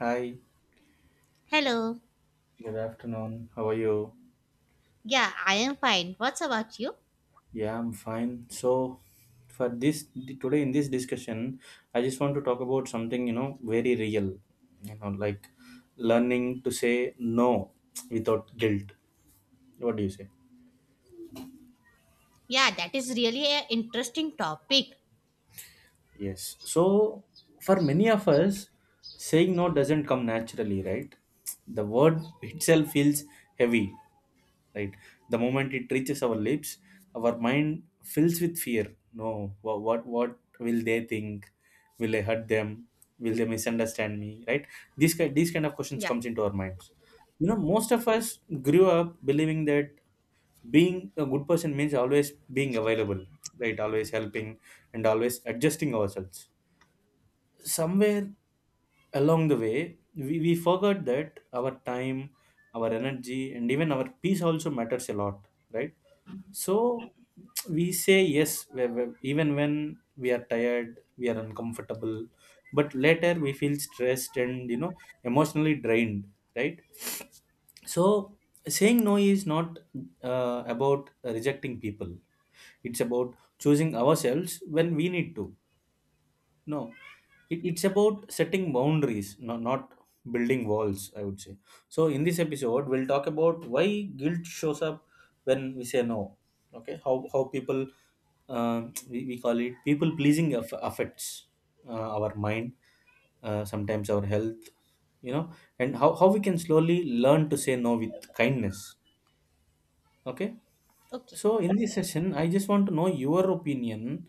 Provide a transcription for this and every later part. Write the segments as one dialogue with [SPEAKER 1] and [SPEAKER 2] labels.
[SPEAKER 1] Hi,
[SPEAKER 2] Hello.
[SPEAKER 1] good afternoon. How are you?
[SPEAKER 2] Yeah, I am fine. What's about you?
[SPEAKER 1] Yeah, I'm fine. So, for this today in this discussion, I just want to talk about something you know very real, like learning to say no without guilt. What do you say?
[SPEAKER 2] Yeah, that is really an interesting topic.
[SPEAKER 1] Yes. So for many of us, saying no doesn't come naturally, right? The word itself feels heavy, right? The moment it reaches our lips, our mind fills with fear. No, what will they think? Will I hurt them? Will they misunderstand me? Right? These kind of questions
[SPEAKER 2] Yeah.
[SPEAKER 1] comes into our minds. You know, most of us grew up believing that being a good person means always being available, right, always helping and always adjusting ourselves somewhere along the way we forgot that our time, our energy and even our peace also matters a lot, right? So we say yes, even when we are tired, we are uncomfortable, but later we feel stressed and you know emotionally drained, right? So saying no is not about rejecting people. It's about choosing ourselves when we need to. No, it's about setting boundaries, no, not building walls, I would say. So, in this episode, we'll talk about why guilt shows up when we say no. Okay, how people, we call it people pleasing affects our mind, sometimes our health, you know, and how we can slowly learn to say no with kindness. Okay.
[SPEAKER 2] Okay.
[SPEAKER 1] So in this session, I just want to know your opinion.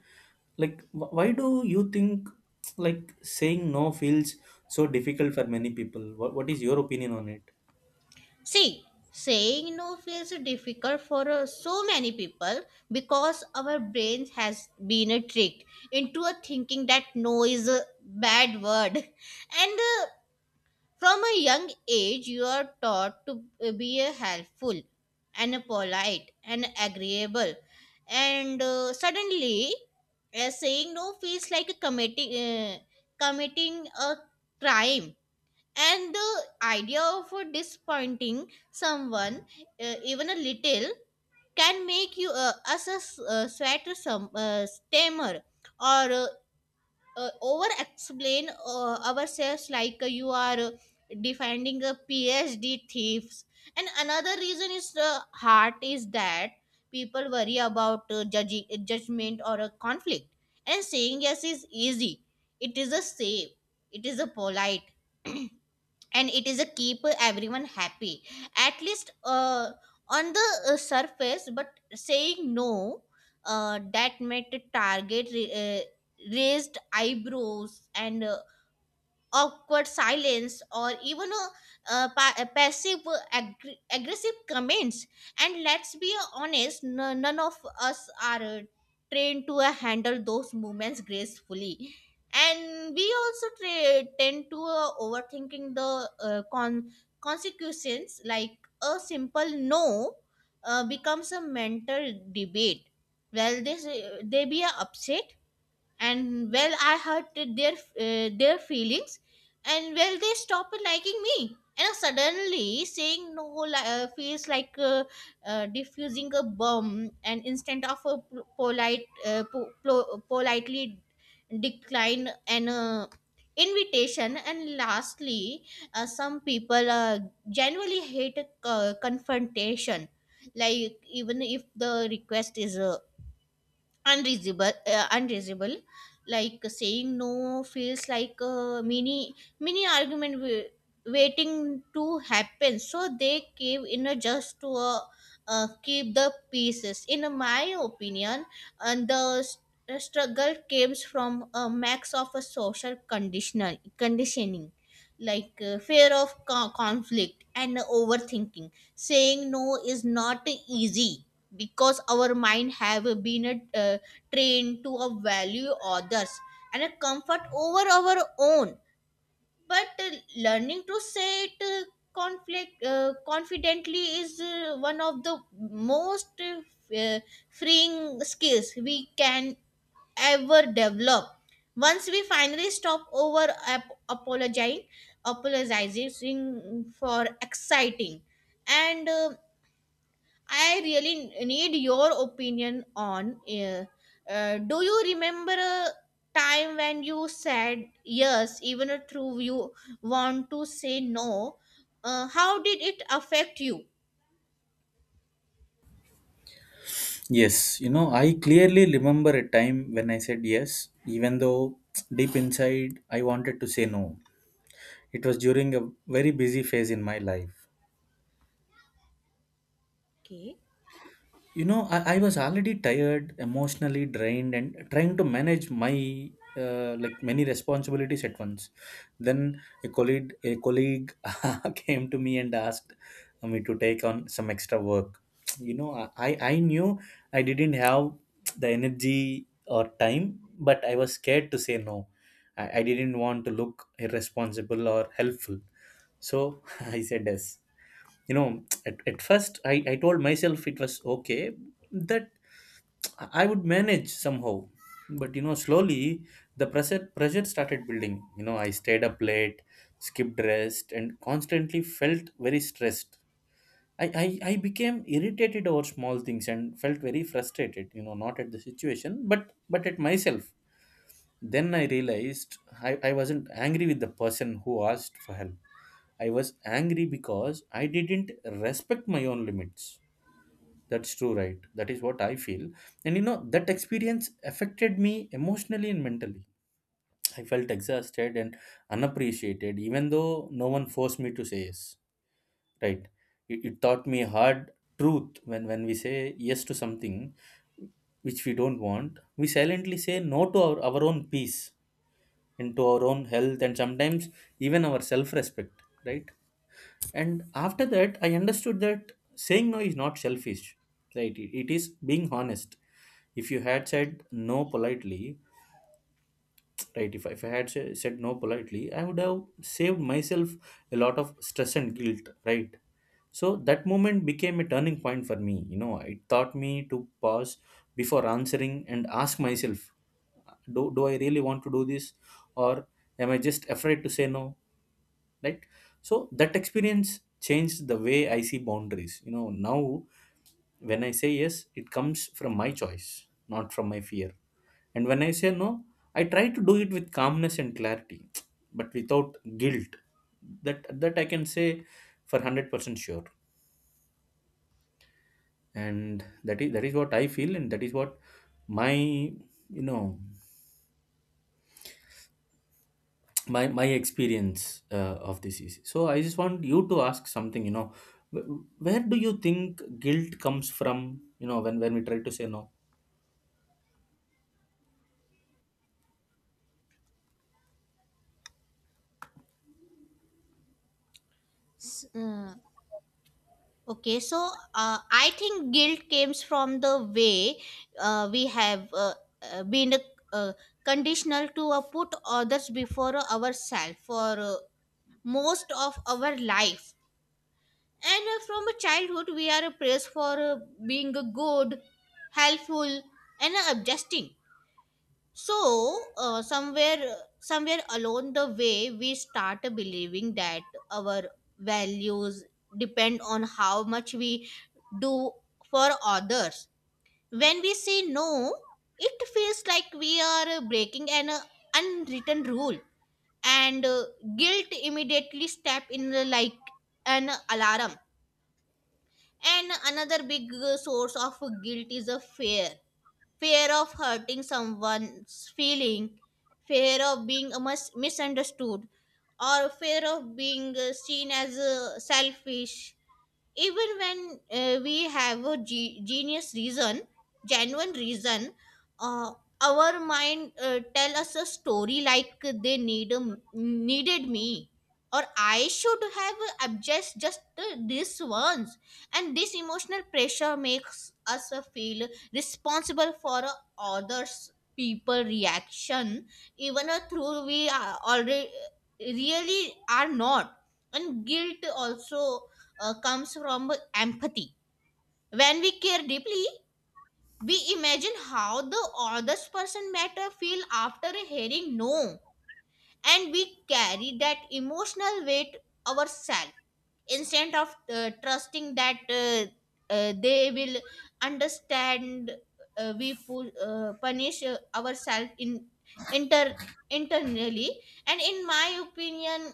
[SPEAKER 1] Like, why do you think like saying no feels so difficult for many people? What is your opinion on it?
[SPEAKER 2] See, saying no feels difficult for so many people because our brains has been tricked into a thinking that no is a bad word. And From a young age, you are taught to be a helpful and a polite and agreeable, and suddenly, saying no feels like a committing a crime. And the idea of disappointing someone, even a little, can make you us a sweater some stammer or over explain ourselves, like you are defending a phd thieves. And another reason is the heart is that people worry about judgment or a conflict, and saying yes is easy, it is a safe, it is a polite, and it is a keep everyone happy, at least on the surface, but saying no that met target raised eyebrows and awkward silence or even a passive aggressive comments. And let's be honest, none of us are trained to handle those moments gracefully, and we also tend to overthinking the consequences, like a simple no becomes a mental debate. Well, this they be upset, and well, I hurt their feelings, and well, they stopped liking me, and suddenly saying no feels like diffusing a bomb, and instead of a p- polite po- plo- politely decline an invitation. And lastly, some people genuinely hate a confrontation, like even if the request is unreasonable, like saying no feels like a mini argument waiting to happen, so they cave in a just to keep the pieces, in my opinion. And the struggle comes from a max of a social conditional conditioning, like fear of conflict and overthinking. Saying no is not easy because our mind have been trained to value others and a comfort over our own, but learning to say it conflict confidently is one of the most freeing skills we can ever develop, once we finally stop over apologizing for exciting. And I really need your opinion on. Do you remember a time when you said yes, even though you want to say no? How did it affect you?
[SPEAKER 1] Yes, you know, I clearly remember a time when I said yes, even though deep inside I wanted to say no. It was during a very busy phase in my life.
[SPEAKER 2] Okay.
[SPEAKER 1] You know, I was already tired, emotionally drained, and trying to manage my like many responsibilities at once. Then a colleague came to me and asked me to take on some extra work. You know, I knew I didn't have the energy or time, but I was scared to say no. I didn't want to look irresponsible or helpful. So I said yes. You know, at first, I told myself it was okay, that I would manage somehow. But you know, slowly the pressure started building. You know, I stayed up late, skipped rest and constantly felt very stressed. I became irritated over small things and felt very frustrated, you know, not at the situation but at myself. Then I realized I wasn't angry with the person who asked for help. I was angry because I didn't respect my own limits. That's true, right? That is what I feel. And you know, that experience affected me emotionally and mentally. I felt exhausted and unappreciated, even though no one forced me to say yes, right? It taught me hard truth, when we say yes to something which we don't want, we silently say no to our own peace and to our own health and sometimes even our self respect, right? And after that I understood that saying no is not selfish, right? It is being honest. If you had said no politely, right, if I had said no politely, I would have saved myself a lot of stress and guilt, right? So that moment became a turning point for me. You know, it taught me to pause before answering and ask myself, do I really want to do this, or am I just afraid to say no, right? So that experience changed the way I see boundaries. You know, now when I say yes it comes from my choice, not from my fear. And when I say no I try to do it with calmness and clarity, but without guilt. That I can say for 100% sure. And that is, that is what I feel, and that is what my, you know, my experience of this is. So I just want you to ask something, you know, where do you think guilt comes from, you know, when we try to say no?
[SPEAKER 2] S- uh, okay, so I think guilt comes from the way we have been uh, conditional to put others before ourselves for most of our life. And from a childhood, we are praised for being good, helpful, and adjusting. So somewhere along the way, we start believing that our values depend on how much we do for others. When we say no, it feels like we are breaking an unwritten rule, and guilt immediately step in like an alarm. And another big source of guilt is a fear of hurting someone's feeling, fear of being misunderstood, or fear of being seen as selfish, even when we have a ge- genius reason genuine reason. uh, our mind tell us a story, like they needed me, or I should have adjust just this once. And this emotional pressure makes us feel responsible for others people reaction, even through we are already really are not. And guilt also comes from empathy. When we care deeply, we imagine how the other person might feel after hearing no, and we carry that emotional weight ourselves instead of trusting that they will understand. We punish ourselves in inter internally, and in my opinion,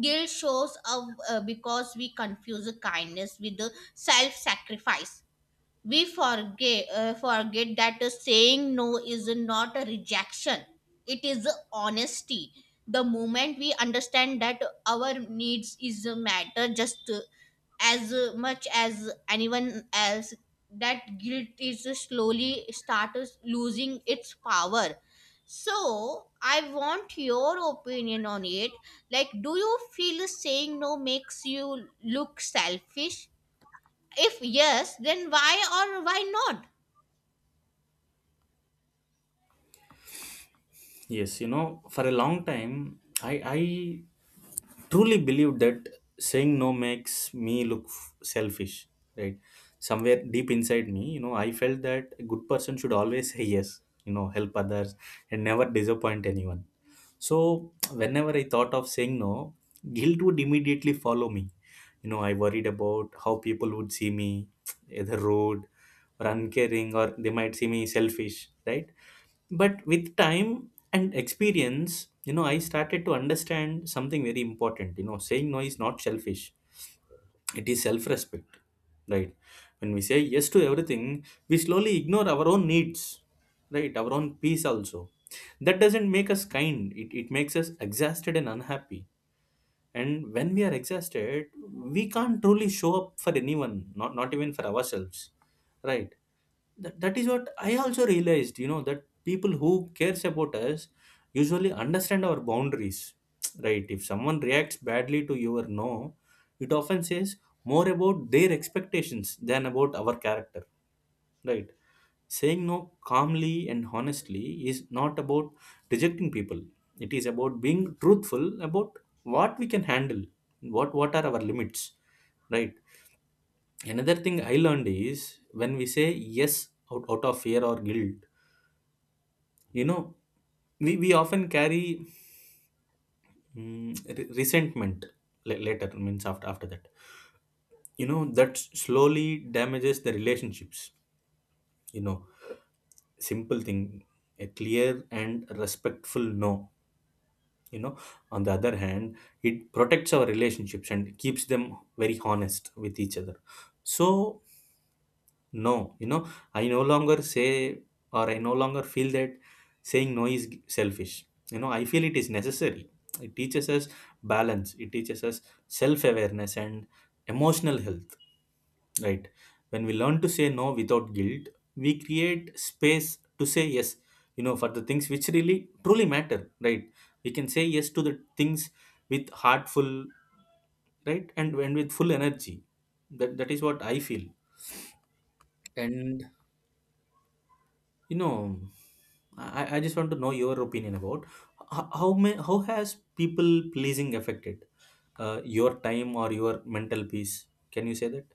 [SPEAKER 2] guilt shows up because we confuse kindness with the self-sacrifice. We forget that saying no is not a rejection, it is a honesty. The moment we understand that our needs is a matter just as much as anyone else, that guilt is slowly starts losing its power. So I want your opinion on it, like do you feel saying no makes you look selfish? If yes, then why or why not?
[SPEAKER 1] Yes, you know, for a long time i truly believed that saying no makes me look selfish, right? Somewhere deep inside me, you know, I felt that a good person should always say yes, you know, help others and never disappoint anyone. So, whenever I thought of saying no, guilt would immediately follow me. You know, I worried about how people would see me, either rude or uncaring, or they might see me selfish, right? But with time and experience, you know, I started to understand something very important. You know, saying no is not selfish, it is self respect, right? When we say yes to everything we slowly ignore our own needs, right? Our own peace also. That doesn't make us kind, it makes us exhausted and unhappy. And when we are exhausted we can't truly show up for anyone, not even for ourselves, right? That is what I also realized, you know, that people who cares about us usually understand our boundaries. Right, if someone reacts badly to your no it often says more about their expectations than about our character, right? Saying no calmly and honestly is not about rejecting people, it is about being truthful about what we can handle, what are our limits, right? Another thing I learned is, when we say yes out of fear or guilt, you know, we often carry resentment la- later, means after that. You know, that slowly damages the relationships, you know. Simple thing, a clear and respectful no, you know, on the other hand, it protects our relationships and keeps them very honest with each other. So no, you know, I no longer say, or I no longer feel that saying no is selfish. You know, I feel it is necessary. It teaches us balance, it teaches us self awareness and emotional health, right? When we learn to say no without guilt, we create space to say yes, you know, for the things which really truly matter, right? We can say yes to the things with heartful, right? And with full energy. That is what I feel. And you know, I just want to know your opinion about how has people pleasing affected your time or your mental peace? Can you say that?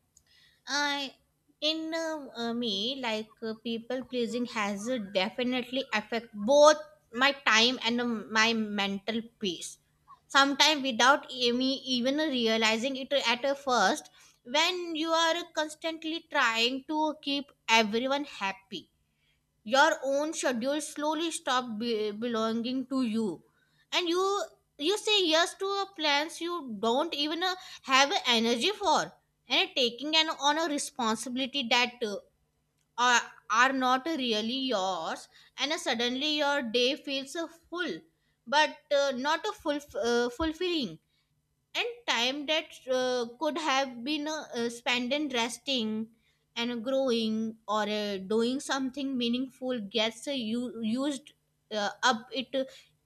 [SPEAKER 2] I in me, like People pleasing has definitely affect both my time and my mental peace. Sometimes without me even realizing it at a first, when you are constantly trying to keep everyone happy, your own schedule slowly stop belonging to you, and you say yes to a plans you don't even have energy for, and taking an on a responsibility that are, are not really yours. And suddenly your day feels full, but not a full fulfilling, and time that could have been spent in resting and growing or doing something meaningful gets used up it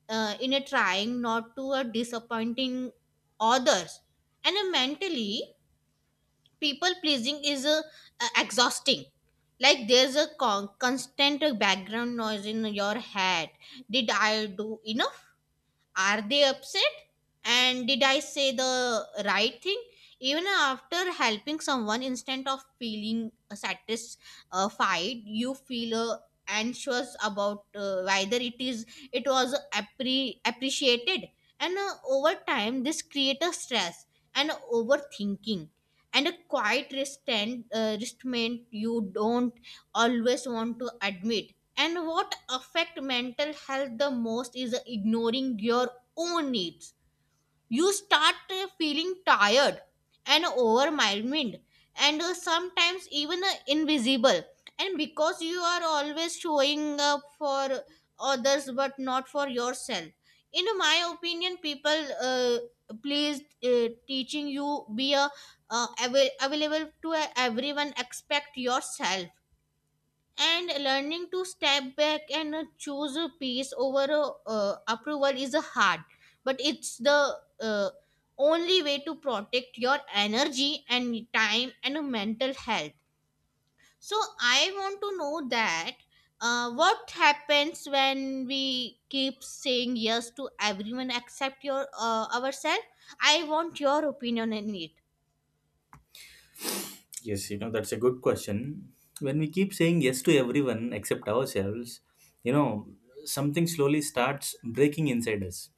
[SPEAKER 2] in a trying not to disappointing others. And mentally, people pleasing is exhausting, like there's a constant background noise in your head: did I do enough? Are they upset? And did I say the right thing? Even after helping someone, instead of feeling satisfied, you feel anxious about whether it was appreciated. And over time, this creates a stress and overthinking and a quiet restraint you don't always want to admit. And what affect mental health the most is ignoring your own needs. You start feeling tired and overwhelmed and sometimes even invisible. And because you are always showing up for others but not for yourself. In my opinion, people please teaching you be available to everyone expect yourself, and learning to step back and choose a peace over approval is a hard, but it's the only way to protect your energy and time and mental health. So I want to know that, what happens when we keep saying yes to everyone except your ourselves? I want your opinion on it.
[SPEAKER 1] Yes, you know, that's a good question. When we keep saying yes to everyone except ourselves, you know, something slowly starts breaking inside us.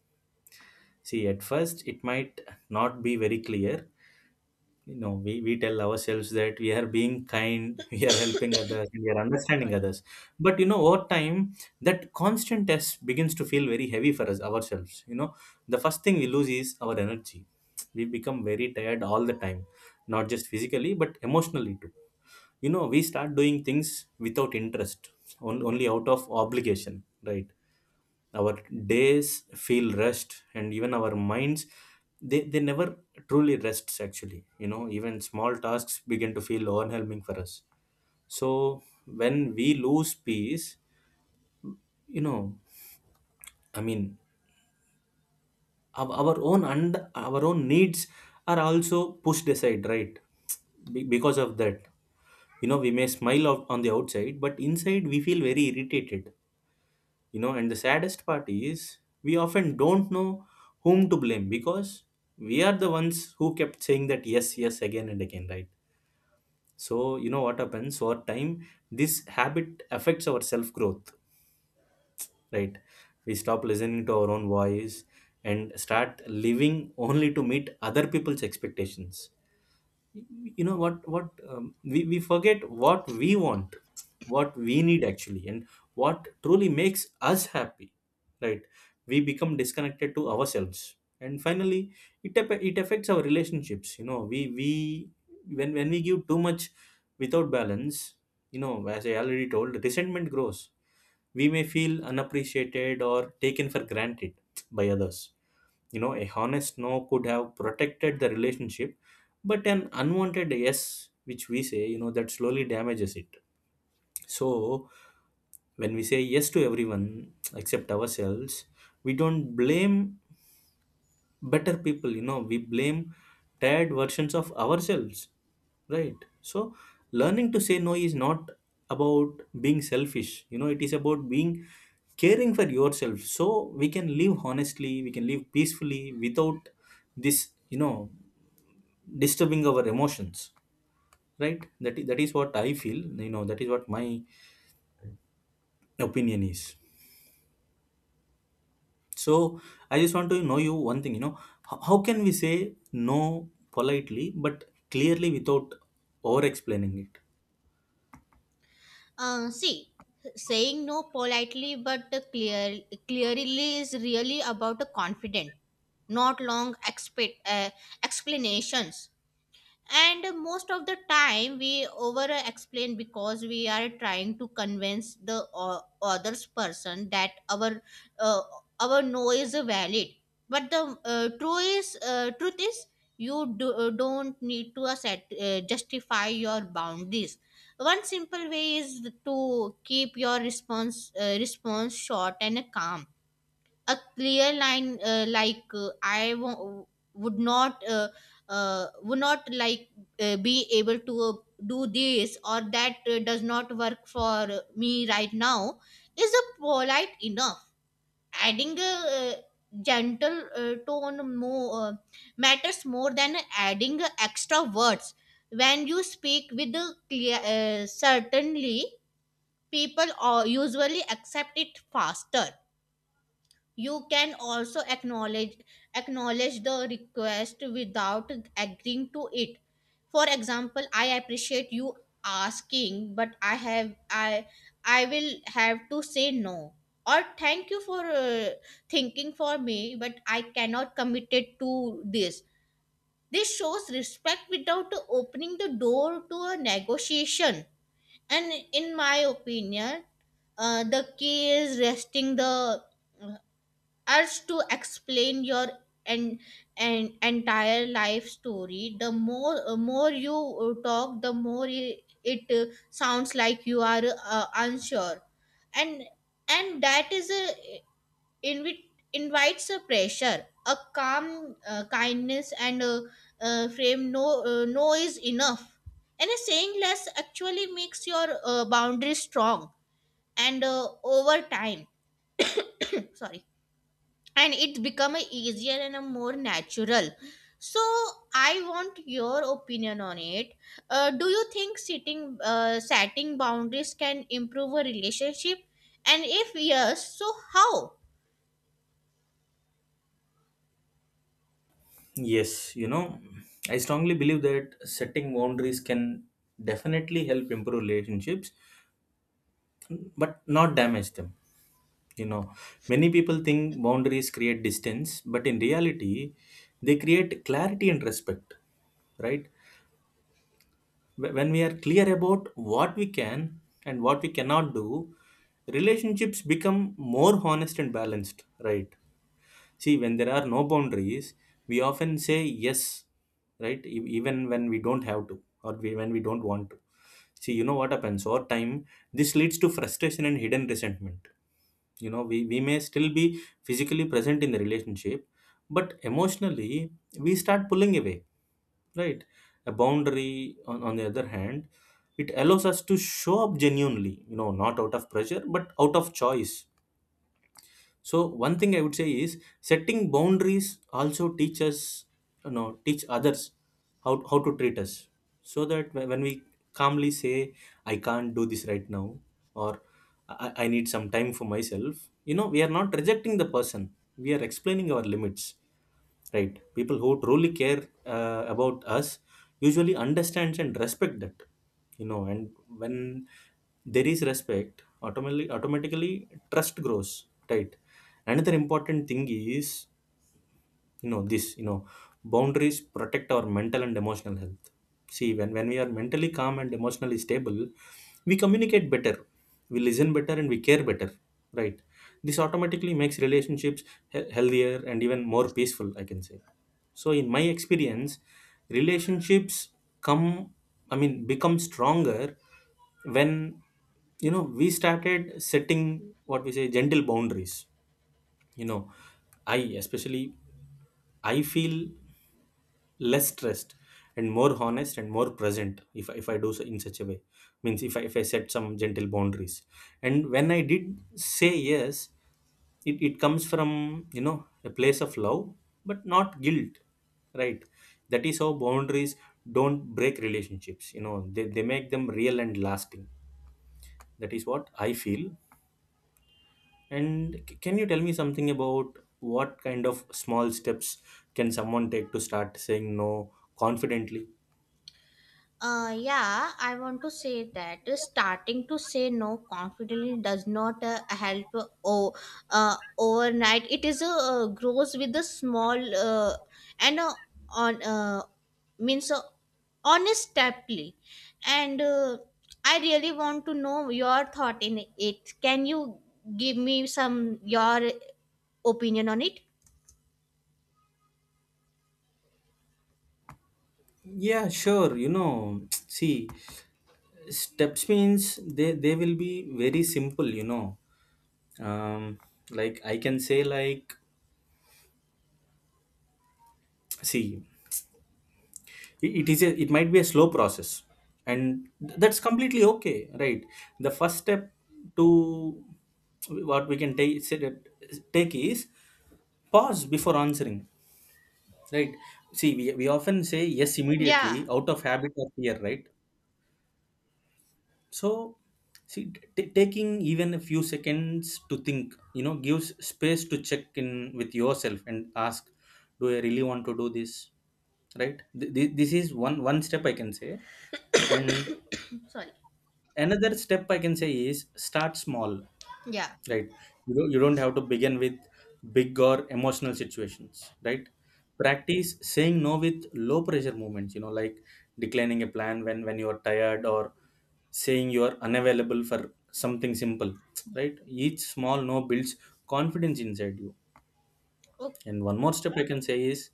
[SPEAKER 1] See, at first it might not be very clear. You know, we tell ourselves that we are being kind, we are helping others and we are understanding others. But you know, over time that constant test begins to feel very heavy for us ourselves. You know, the first thing we lose is our energy. We become very tired all the time, not just physically but emotionally too. You know, we start doing things without interest, only out of obligation, right? Our days feel rest and even our minds, they never truly rests actually. You know, even small tasks begin to feel overwhelming for us. So when we lose peace, you know, I mean, our own and our own needs are also pushed aside, right? Because of that, you know, we may smile out on the outside but inside we feel very irritated. You know, and the saddest part is we often don't know whom to blame, because we are the ones who kept saying that yes again and again, right? So you know what happens over time, this habit affects our self growth, right? We stop listening to our own voice and start living only to meet other people's expectations. You know, we forget what we want, what we need actually, and what truly makes us happy, right? We become disconnected to ourselves. And finally it affects our relationships. You know, we when we give too much without balance, you know, as I already told, resentment grows. We may feel unappreciated or taken for granted by others. You know, a honest no could have protected the relationship, but an unwanted yes, which we say, you know, that slowly damages it. So, when we say yes to everyone except ourselves, we don't blame better people, we blame tired versions of ourselves, right? So learning to say no is not about being selfish, it is about being caring for yourself, so we can live honestly, we can live peacefully without this, disturbing our emotions, right? That is what I feel. That is what my opinion is. So I just want to know you one thing, you know, how can we say no politely but clearly without over explaining it?
[SPEAKER 2] See, saying no politely but clearly is really about a confident, not long explanations, and most of the time we over explain because we are trying to convince the others person that uh, our no is valid, but the true is truth is you don't need to justify your boundaries. One simple way is to keep your response short and calm. A clear line, like i w- would not uh, uh, would not like be able to do this, or that does not work for me right now, is a polite enough. Adding a uh, gentle tone more matters more than adding extra words. When you speak with a clear certainly, people usually accept it faster. You can also acknowledge the request without agreeing to it. For example, I appreciate you asking, but I will have to say no, or thank you for thinking for me, but I cannot commit it to this. This shows respect without opening the door to a negotiation. And in my opinion, the key is resting the urge to explain your and an entire life story. The more you talk, the more it sounds like you are unsure, and that is a invite invites a pressure. A calm kindness and frame no is enough, and a saying less actually makes your boundary strong, and over time, sorry, and it become a easier and a more natural. So I want your opinion on it. Do you think sitting setting boundaries can improve a relationship, and if yes, so how?
[SPEAKER 1] Yes, you know, I strongly believe that setting boundaries can definitely help improve relationships but not damage them. You know, many people think boundaries create distance, but in reality, they create clarity and respect, right? When we are clear about what we can and what we cannot do, relationships become more honest and balanced, right? See, when there are no boundaries, we often say yes, right? Even when we don't have to, or when we don't want to. See, what happens over time, this leads to frustration and hidden resentment. We may still be physically present in the relationship, but emotionally we start pulling away, right? A boundary, on the other hand, it allows us to show up genuinely, not out of pressure but out of choice. So one thing I would say is, setting boundaries also teach us, teach others how to treat us. So that when we calmly say, I can't do this right now, or I need some time for myself, we are not rejecting the person, we are explaining our limits, right? People who truly care, about us, usually understands and respect that. And when there is respect, automatically trust grows, right? Another important thing is, you know this you know boundaries protect our mental and emotional health. See, when we are mentally calm and emotionally stable, we communicate better, we listen better, and we care better, right? This automatically makes relationships healthier and even more peaceful, I can say. So in my experience, relationships come, I mean become stronger when, we started setting what we say gentle boundaries. You know I Especially I feel less stressed and more honest and more present if, if I do so in such a way. Means if if I set some gentle boundaries, and when I did say yes, it comes from, a place of love but not guilt, right? That is how boundaries don't break relationships. They make them real and lasting. That is what I feel. And can you tell me something about what kind of small steps can someone take to start saying no confidently?
[SPEAKER 2] Yeah, I want to say that starting to say no confidently does not help overnight. It is a grows with a small and on means honest steply. And I really want to know your thought in it. Can you give me some your opinion on it?
[SPEAKER 1] Yeah, sure. You know, see, steps means they will be very simple. You know, um, like I can say, like, see, it is a, it might be a slow process, and that's completely okay, right? The first step to what we can take is pause before answering. Right. See, we often say yes
[SPEAKER 2] Yeah,
[SPEAKER 1] immediately out of habit or fear, right? So, see, taking even a few seconds to think, you know, gives space to check in with yourself and ask, do I really want to do this? Right. This is one step I can say, and
[SPEAKER 2] sorry.
[SPEAKER 1] another step I can say is, start small.
[SPEAKER 2] Yeah.
[SPEAKER 1] Right. You don't have to begin with big or emotional situations, right? Practice saying no with low pressure movements, like declining a plan when you are tired, or saying you are unavailable for something simple, right? Each small no builds confidence inside you. And one more step I can say is,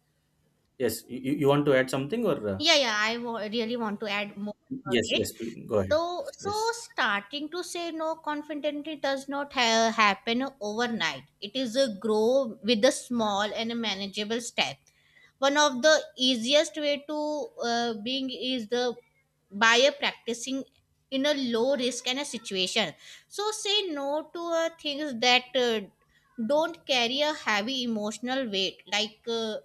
[SPEAKER 1] yes you want to add something, or
[SPEAKER 2] Yeah, yeah, I really want to add more about
[SPEAKER 1] yes,
[SPEAKER 2] it.
[SPEAKER 1] yes, please go ahead.
[SPEAKER 2] So,
[SPEAKER 1] Yes,
[SPEAKER 2] starting to say no confidently does not happen overnight. It is a grow with a small and a manageable step. One of the easiest way to being is the by a practicing in a low risk and a situation, so say no to things that don't carry a heavy emotional weight, like uh,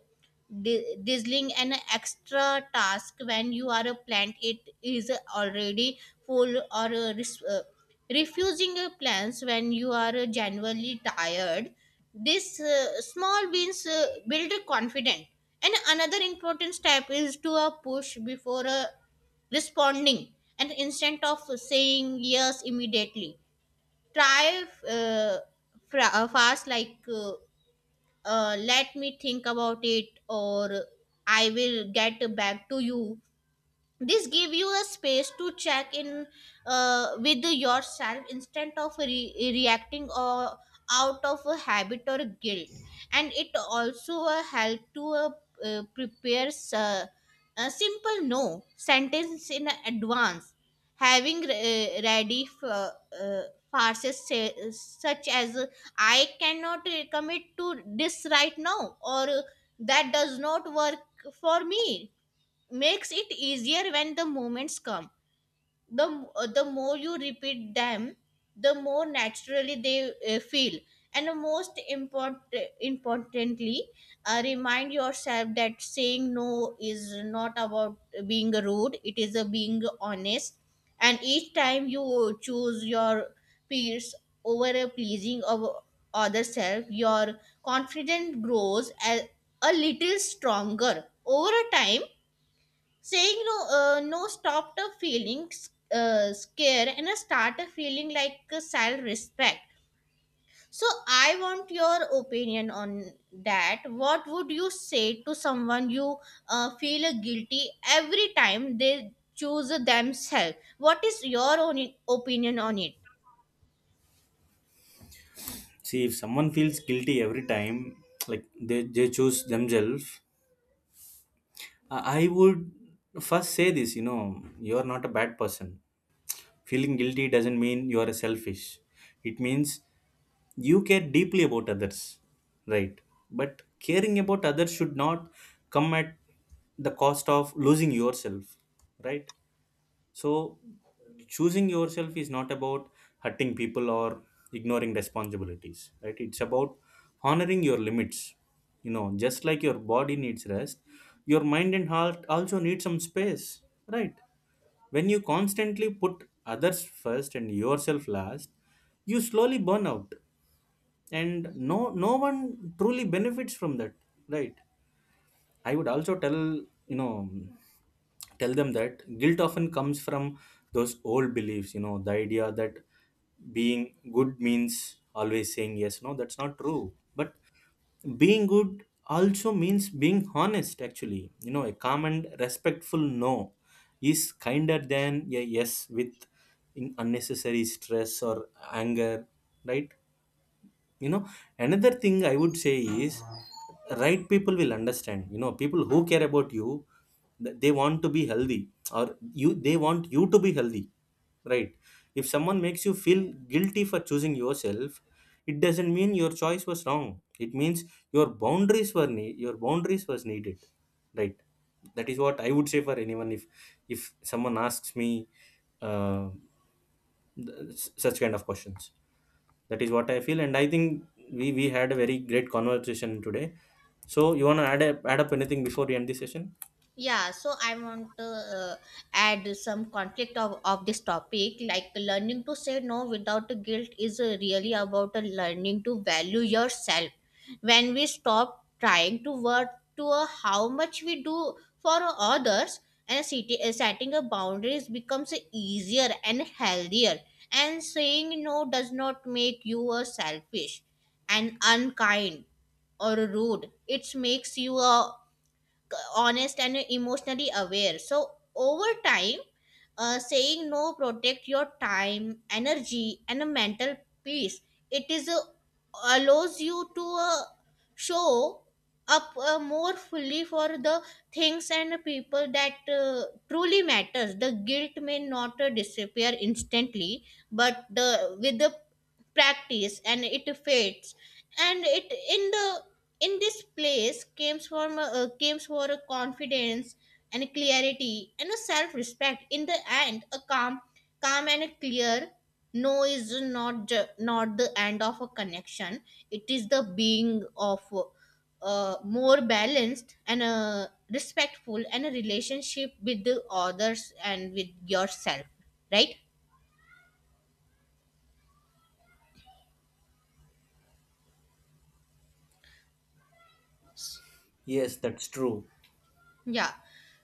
[SPEAKER 2] di- Dizzling an extra task when you are a plant it is already full, or refusing plans when you are genuinely tired. This small wins build confidence. And another important step is to push before responding, and instead of saying yes immediately, try uh, fast, like let me think about it, or I will get back to you. This give you a space to check in with yourself instead of reacting, or out of a habit or guilt. And it also help to prepare uh, a simple no sentence in advance. Having ready uh, farces say, such as I cannot commit to this right now, or that does not work for me, makes it easier when the moments come. The uh, the more you repeat them, the more naturally they feel. And the most importantly, remind yourself that saying no is not about being rude, it is a being honest. And each time you choose your peers over a pleasing of other self, your confidence grows a little stronger over a time. Saying no stopped a feeling scare, and a start a feeling like a self respect. So I want your opinion on that. What would you say to someone you feel guilty every time they choose themselves? What is your own opinion on it?
[SPEAKER 1] see, if someone feels guilty every time like they choose themselves, I would first say this, you know, you're not a bad person. Feeling guilty doesn't mean you're selfish. It means you care deeply about others, right? But caring about others should not come at the cost of losing yourself, right? So, choosing yourself is not about hurting people or ignoring responsibilities, right? It's about honoring your limits. You know, just like your body needs rest, your mind and heart also need some space, right? When you constantly put others first and yourself last, you slowly burn out, and no one truly benefits from that, right? I would also tell, you know tell them that guilt often comes from those old beliefs. You know, the idea that being good means always saying yes. No, that's not true. But being good also means being honest. Actually, you know, a calm and respectful no is kinder than a yes with in unnecessary stress or anger. Right. you know Another thing I would say is, right, people will understand. You know, people who care about you, they want to be healthy, or you they want you to be healthy, right? If someone makes you feel guilty for choosing yourself, it doesn't mean your choice was wrong, it means your boundaries was needed, right? That is what I would say for anyone, if someone asks me, uh, such kind of questions. That is what I feel, and I think we had a very great conversation today. So you want to add up anything before we end this session?
[SPEAKER 2] Yeah, so I want to add some conflict of this topic. Like learning to say no without guilt is really about learning to value yourself. When we stop trying to work to how much we do for others, and setting a boundaries becomes easier and healthier. And saying no does not make you selfish and unkind or rude. It makes you a honest and emotionally aware. So over time, saying no protect your time, energy and a mental peace. It is allows you to show up more fully for the things and people that truly matters. The guilt may not disappear instantly, but the with the practice and it fades, and it in the in this place came for a confidence and a clarity and a self-respect. In the end, a calm and a clear no is not the end of a connection, it is the being of more balanced and respectful and a relationship with the others and with yourself, right?
[SPEAKER 1] Yes, that's true.
[SPEAKER 2] Yeah.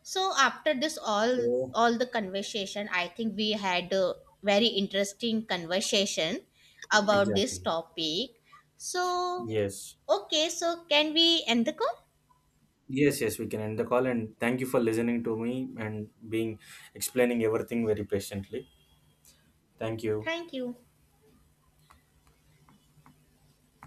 [SPEAKER 2] So after this all
[SPEAKER 1] So,
[SPEAKER 2] all the conversation, I think we had a very interesting conversation about this
[SPEAKER 1] exactly.
[SPEAKER 2] topic. So
[SPEAKER 1] Yes.
[SPEAKER 2] okay, so can we end the call?
[SPEAKER 1] Yes, yes, we can end the call, and thank you for listening to me and being explaining everything very patiently. Thank you.
[SPEAKER 2] Thank you.